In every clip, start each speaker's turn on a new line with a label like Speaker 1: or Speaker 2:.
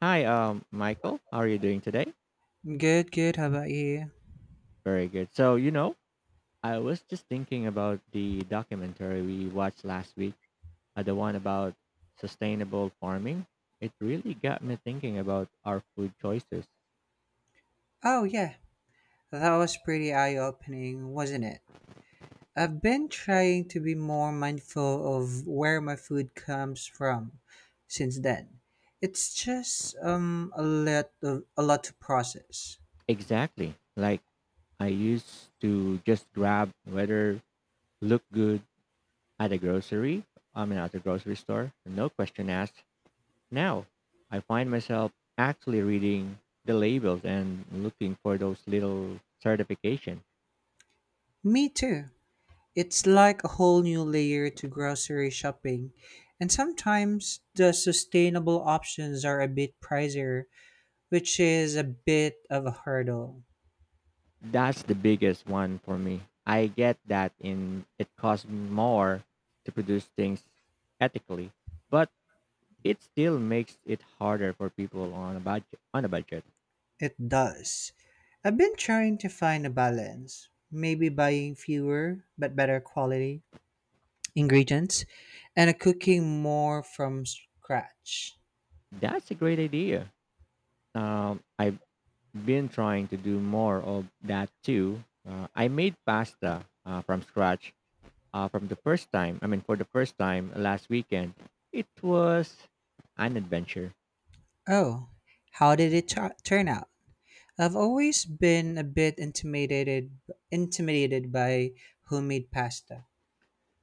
Speaker 1: Hi, Michael. How are you doing today?
Speaker 2: Good, good. How about you?
Speaker 1: Very good. So, you know, I was just thinking about the documentary we watched last week, the one about sustainable farming. It really got me thinking about our food choices.
Speaker 2: Oh, yeah. That was pretty eye opening, wasn't it? I've been trying to be more mindful of where my food comes from since then. It's just a lot of, a lot to process.
Speaker 1: Exactly. Like I used to just grab whether look good at a grocery, I mean, at the grocery store, no question asked. Now I find myself actually reading the labels and looking for those little certification.
Speaker 2: Me too. It's like a whole new layer to grocery shopping, and sometimes the sustainable options are a bit pricier, which is a bit of a hurdle.
Speaker 1: That's the biggest one for me. I get that in it costs more to produce things ethically, but it still makes it harder for people on a budget. On a budget,
Speaker 2: It does. I've been trying to find a balance, maybe buying fewer but better quality ingredients and cooking more from scratch.
Speaker 1: that's a great idea. I've been trying to do more of that too. I made pasta from scratch from the first time. I mean, for the first time last weekend, it was an adventure.
Speaker 2: Oh, how did it turn out? I've always been a bit intimidated by homemade pasta.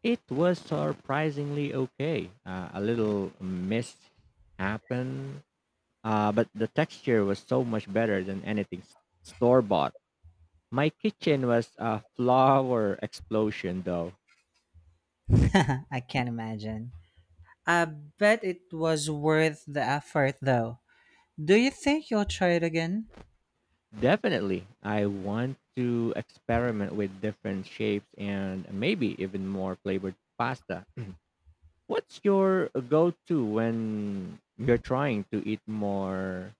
Speaker 1: It was surprisingly okay. A little mist happened, but the texture was so much better than anything store bought. My kitchen was a flower explosion, though.
Speaker 2: I can't imagine. I bet it was worth the effort though. Do you think you'll try it again?
Speaker 1: Definitely, I want to experiment with different shapes and maybe even more flavored pasta. What's your go to when you're trying to eat more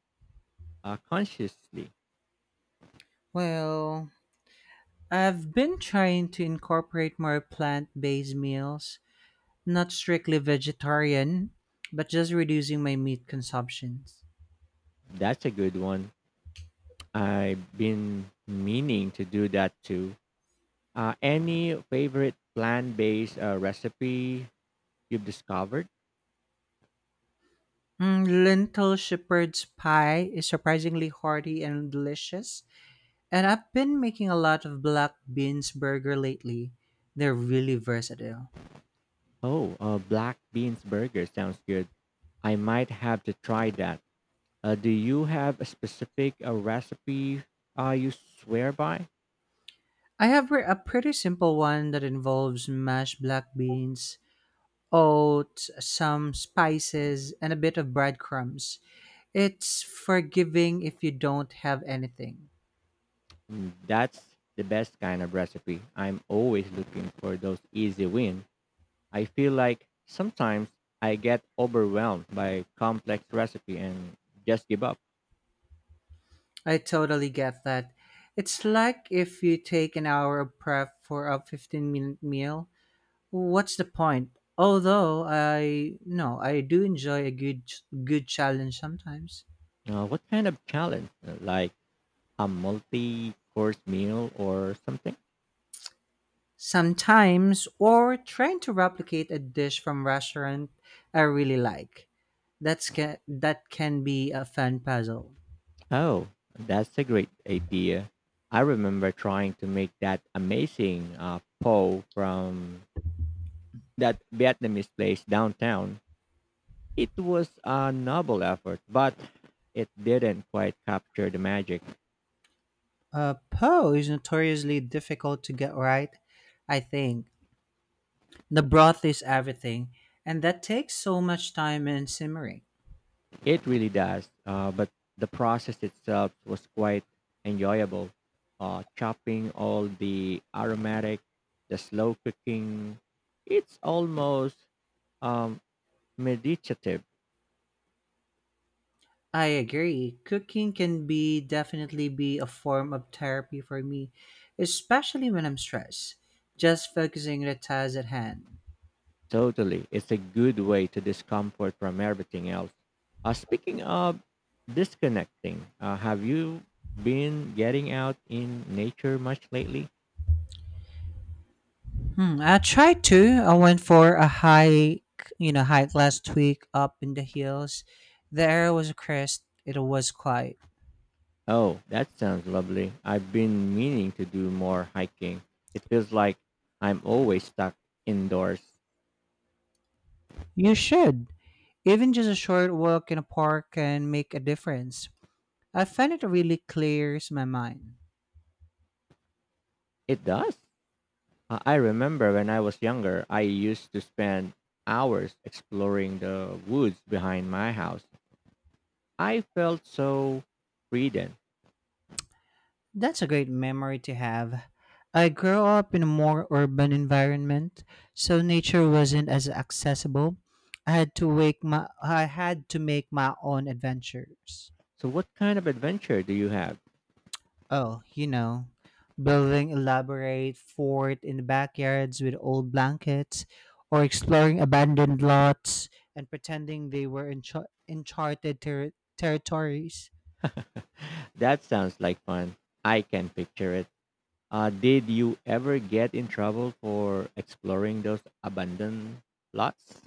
Speaker 1: consciously?
Speaker 2: Well, I've been trying to incorporate more plant based meals, not strictly vegetarian, but just reducing my meat consumptions.
Speaker 1: That's a good one. I've been meaning to do that too. Any favorite plant-based recipe you've discovered?
Speaker 2: Mm, lentil shepherd's pie is surprisingly hearty and delicious, and I've been making a lot of black beans burger lately. They're really versatile.
Speaker 1: Oh, black beans burger sounds good. I might have to try that. Do you have a specific recipe you swear by?
Speaker 2: A pretty simple one that involves mashed black beans, oats, some spices, and a bit of breadcrumbs. It's forgiving if you don't have anything.
Speaker 1: Mm, that's the best kind of recipe. I'm always looking for those easy win. I feel like sometimes I get overwhelmed by complex recipe and just give up.
Speaker 2: I totally get that. It's like if you take an hour of prep for a 15-minute meal. What's the point? Although I no, I do enjoy a good challenge sometimes.
Speaker 1: What kind of challenge? Like a multi course meal or something?
Speaker 2: Sometimes or trying to replicate a dish from restaurant I really like. That can be a fun puzzle.
Speaker 1: Oh, that's a great idea. I remember trying to make that amazing po from that Vietnamese place downtown. It was a noble effort, but it didn't quite capture the magic.
Speaker 2: Po is notoriously difficult to get right, I think. The broth is everything, and that takes so much time and simmering.
Speaker 1: It really does. But the process itself was quite enjoyable. Chopping all the aromatic, the slow cooking. It's almost um, meditative.
Speaker 2: I agree. Cooking can be definitely be a form of therapy for me, especially when I'm stressed. Just focusing on the task at hand.
Speaker 1: Totally. It's a good way to discomfort from everything else. Speaking of disconnecting, have you been getting out in nature much lately?
Speaker 2: Hmm, I tried to. I went for a hike, hike last week up in the hills. The air was crisp. It was quiet.
Speaker 1: Oh, that sounds lovely. I've been meaning to do more hiking. It feels like I'm always stuck indoors.
Speaker 2: You should. Even just a short walk in a park can make a difference. I find it really clears my mind.
Speaker 1: It does. I remember when I was younger, I used to spend hours exploring the woods behind my house. I felt so free then.
Speaker 2: That's a great memory to have. I grew up in a more urban environment, so nature wasn't as accessible. I had to make my own adventures.
Speaker 1: So, what kind of adventure do you have?
Speaker 2: Oh, you know, building elaborate fort in the backyards with old blankets, or exploring abandoned lots and pretending they were in uncharted territories.
Speaker 1: That sounds like fun. I can picture it. Did you ever get in trouble for exploring those abandoned lots?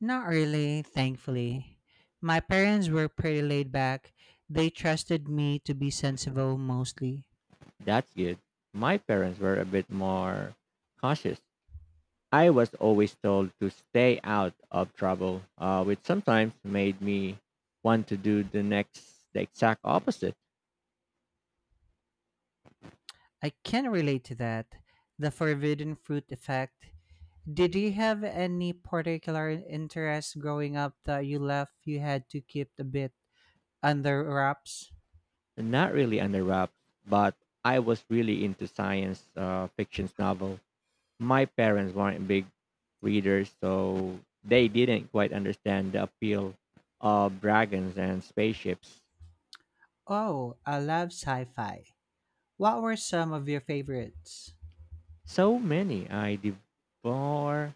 Speaker 2: Not really, thankfully. My parents were pretty laid back. They trusted me to be sensible mostly.
Speaker 1: That's good. My parents were a bit more cautious. I was always told to stay out of trouble, which sometimes made me want to do the exact opposite.
Speaker 2: I can relate to that. The forbidden fruit effect. Did you have any particular interest growing up that you had to keep a bit under wraps?
Speaker 1: Not really under wraps, but I was really into science fiction's novel. My parents weren't big readers, so they didn't quite understand the appeal of dragons and spaceships.
Speaker 2: Oh, I love sci fi. What were some of your favorites?
Speaker 1: So many I devour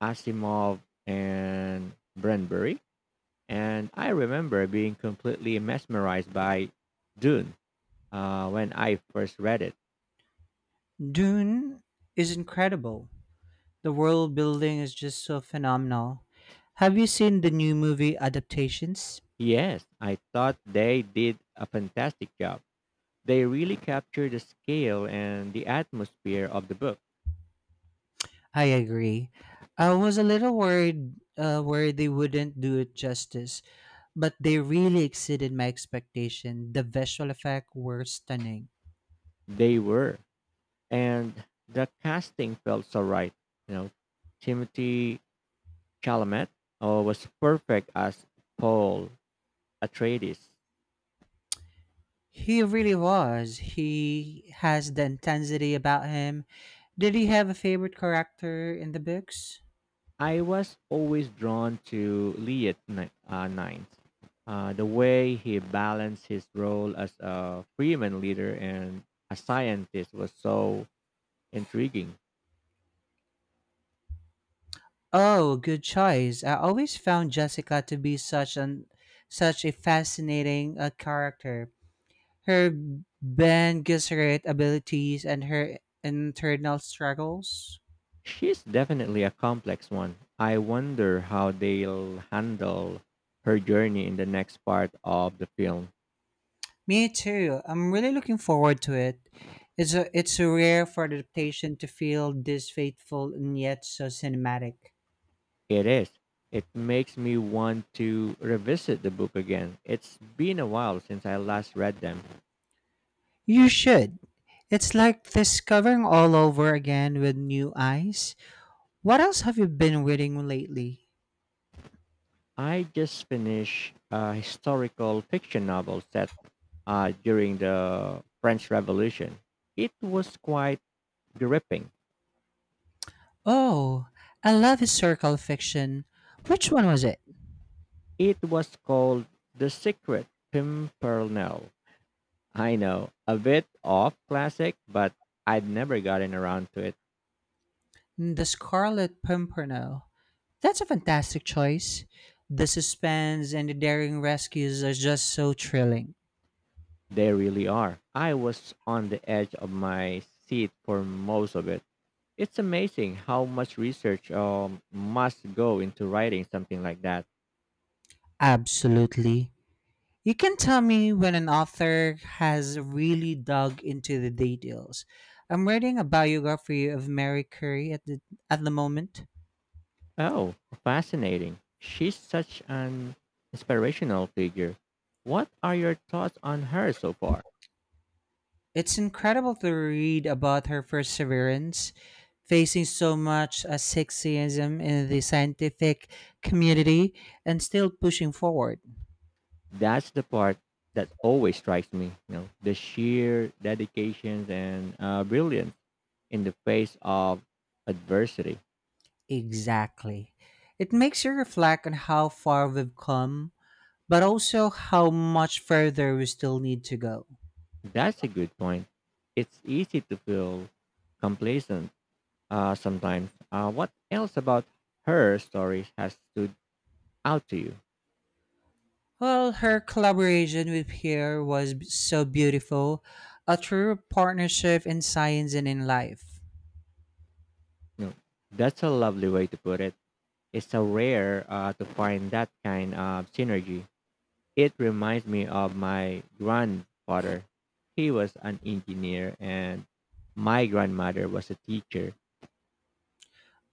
Speaker 1: Asimov and Brandbury. And I remember being completely mesmerized by Dune when I first read it.
Speaker 2: Dune is incredible. The world building is just so phenomenal. Have you seen the new movie adaptations?
Speaker 1: Yes, I thought they did a fantastic job. They really captured the scale and the atmosphere of the book.
Speaker 2: I agree. I was a little worried where they wouldn't do it justice, but they really exceeded my expectation. The visual effects were stunning.
Speaker 1: They were. And the casting felt so right. You know, Timothy Chalamet was perfect as Paul Atreides.
Speaker 2: He really was. He has the intensity about him. Did he have a favorite character in the books?
Speaker 1: I was always drawn to Nines. The way he balanced his role as a freeman leader and a scientist was so intriguing.
Speaker 2: Oh, good choice. I always found Jessica to be such a fascinating character. Her Ben Gesserit abilities and her internal struggles.
Speaker 1: She's definitely a complex one. I wonder how they'll handle her journey in the next part of the film.
Speaker 2: Me too. I'm really looking forward to it. It's a rare for adaptation to feel this faithful and yet so cinematic.
Speaker 1: It is. It makes me want to revisit the book again. It's been a while since I last read them.
Speaker 2: You should. It's like discovering all over again with new eyes. What else have you been reading lately?
Speaker 1: I just finished a historical fiction novel set during the French Revolution. It was quite gripping.
Speaker 2: Oh, I love historical fiction. Which one was it?
Speaker 1: It was called The Secret Pimpernel. I know, a bit off classic, but I'd never gotten around to it.
Speaker 2: The Scarlet Pimpernel. That's a fantastic choice. The suspense and the daring rescues are just so thrilling.
Speaker 1: They really are. I was on the edge of my seat for most of it. It's amazing how much research must go into writing something like that.
Speaker 2: Absolutely. You can tell me when an author has really dug into the details. I'm reading a biography of Mary Curie at the moment.
Speaker 1: Oh, fascinating. She's such an inspirational figure. What are your thoughts on her so far?
Speaker 2: It's incredible to read about her perseverance, facing so much sexism in the scientific community, and still pushing forward.
Speaker 1: That's the part that always strikes me, you know, the sheer dedication and brilliance in the face of adversity.
Speaker 2: Exactly. It makes you reflect on how far we've come, but also how much further we still need to go.
Speaker 1: That's a good point. It's easy to feel complacent sometimes. What else about her stories has stood out to you?
Speaker 2: Well, her collaboration with Pierre was so beautiful, a true partnership in science and in life.
Speaker 1: You know, that's a lovely way to put it. It's so rare to find that kind of synergy. It reminds me of my grandfather. He was an engineer, and my grandmother was a teacher.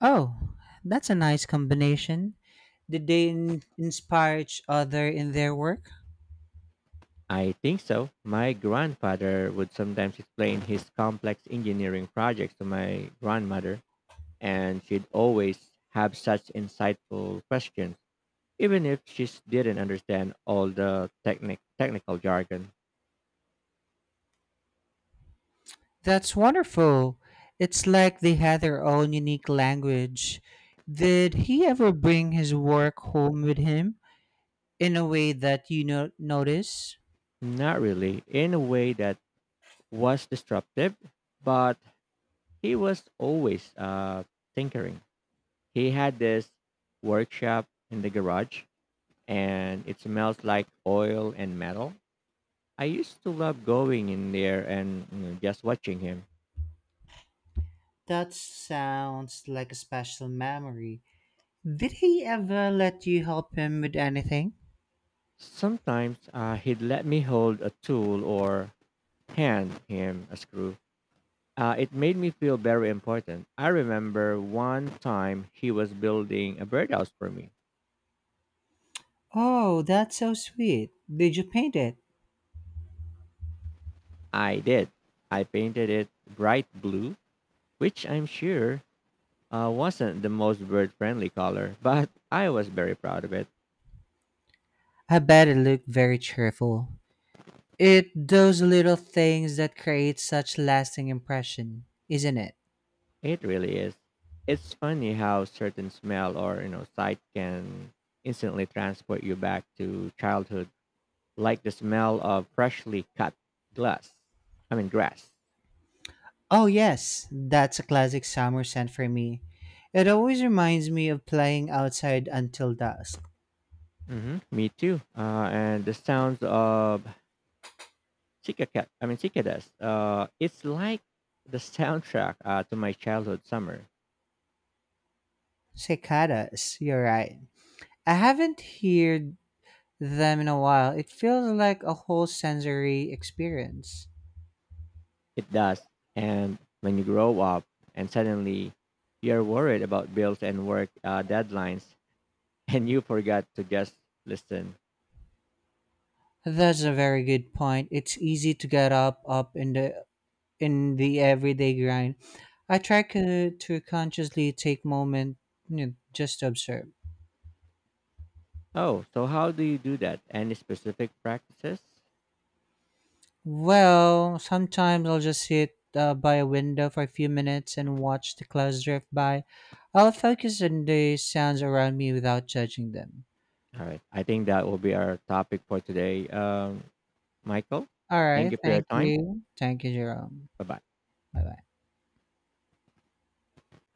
Speaker 2: Oh, that's a nice combination. Did they inspire each other in their work?
Speaker 1: I think so. My grandfather would sometimes explain his complex engineering projects to my grandmother, and she'd always have such insightful questions, even if didn't understand all the technical jargon.
Speaker 2: That's wonderful. It's like they had their own unique language. Did he ever bring his work home with him in a way that you notice?
Speaker 1: Not really, in a way that was disruptive, but he was always tinkering. He had this workshop in the garage, and it smells like oil and metal. I used to love going in there and, you know, just watching him.
Speaker 2: That sounds like a special memory. Did he ever let you help him with anything?
Speaker 1: Sometimes he'd let me hold a tool or hand him a screw. It made me feel very important. I remember one time he was building a birdhouse for me.
Speaker 2: Oh, that's so sweet. Did you paint it?
Speaker 1: I did. I painted it bright blue, which I'm sure wasn't the most bird friendly color, but I was very proud of it.
Speaker 2: I bet it looked very cheerful. It those little things that create such lasting impression, isn't it?
Speaker 1: It really is. It's funny how certain smell or, you know, sight can instantly transport you back to childhood, like the smell of freshly cut glass. I mean grass.
Speaker 2: Oh yes, that's a classic summer scent for me. It always reminds me of playing outside until dusk.
Speaker 1: Me too. And the sounds of cicacat, I mean cicadas. It's like the soundtrack to my childhood summer.
Speaker 2: Cicadas, you're right. I haven't heard them in a while. It feels like a whole sensory experience.
Speaker 1: It does. And when you grow up and suddenly you're worried about bills and work deadlines and you forgot to just listen.
Speaker 2: That's a very good point. It's easy to get up in the everyday grind. I to consciously take moment, you know, just to observe.
Speaker 1: Oh, so how do you do that? Any specific practices?
Speaker 2: Well, sometimes I'll just sit by a window for a few minutes and watch the clouds drift by. I'll focus on the sounds around me without judging them.
Speaker 1: All right. I think that will be our topic for today. Michael,
Speaker 2: All
Speaker 1: thank
Speaker 2: right,
Speaker 1: you for your
Speaker 2: thank
Speaker 1: time.
Speaker 2: you. Thank you, Jerome.
Speaker 1: Bye bye.
Speaker 2: Bye bye.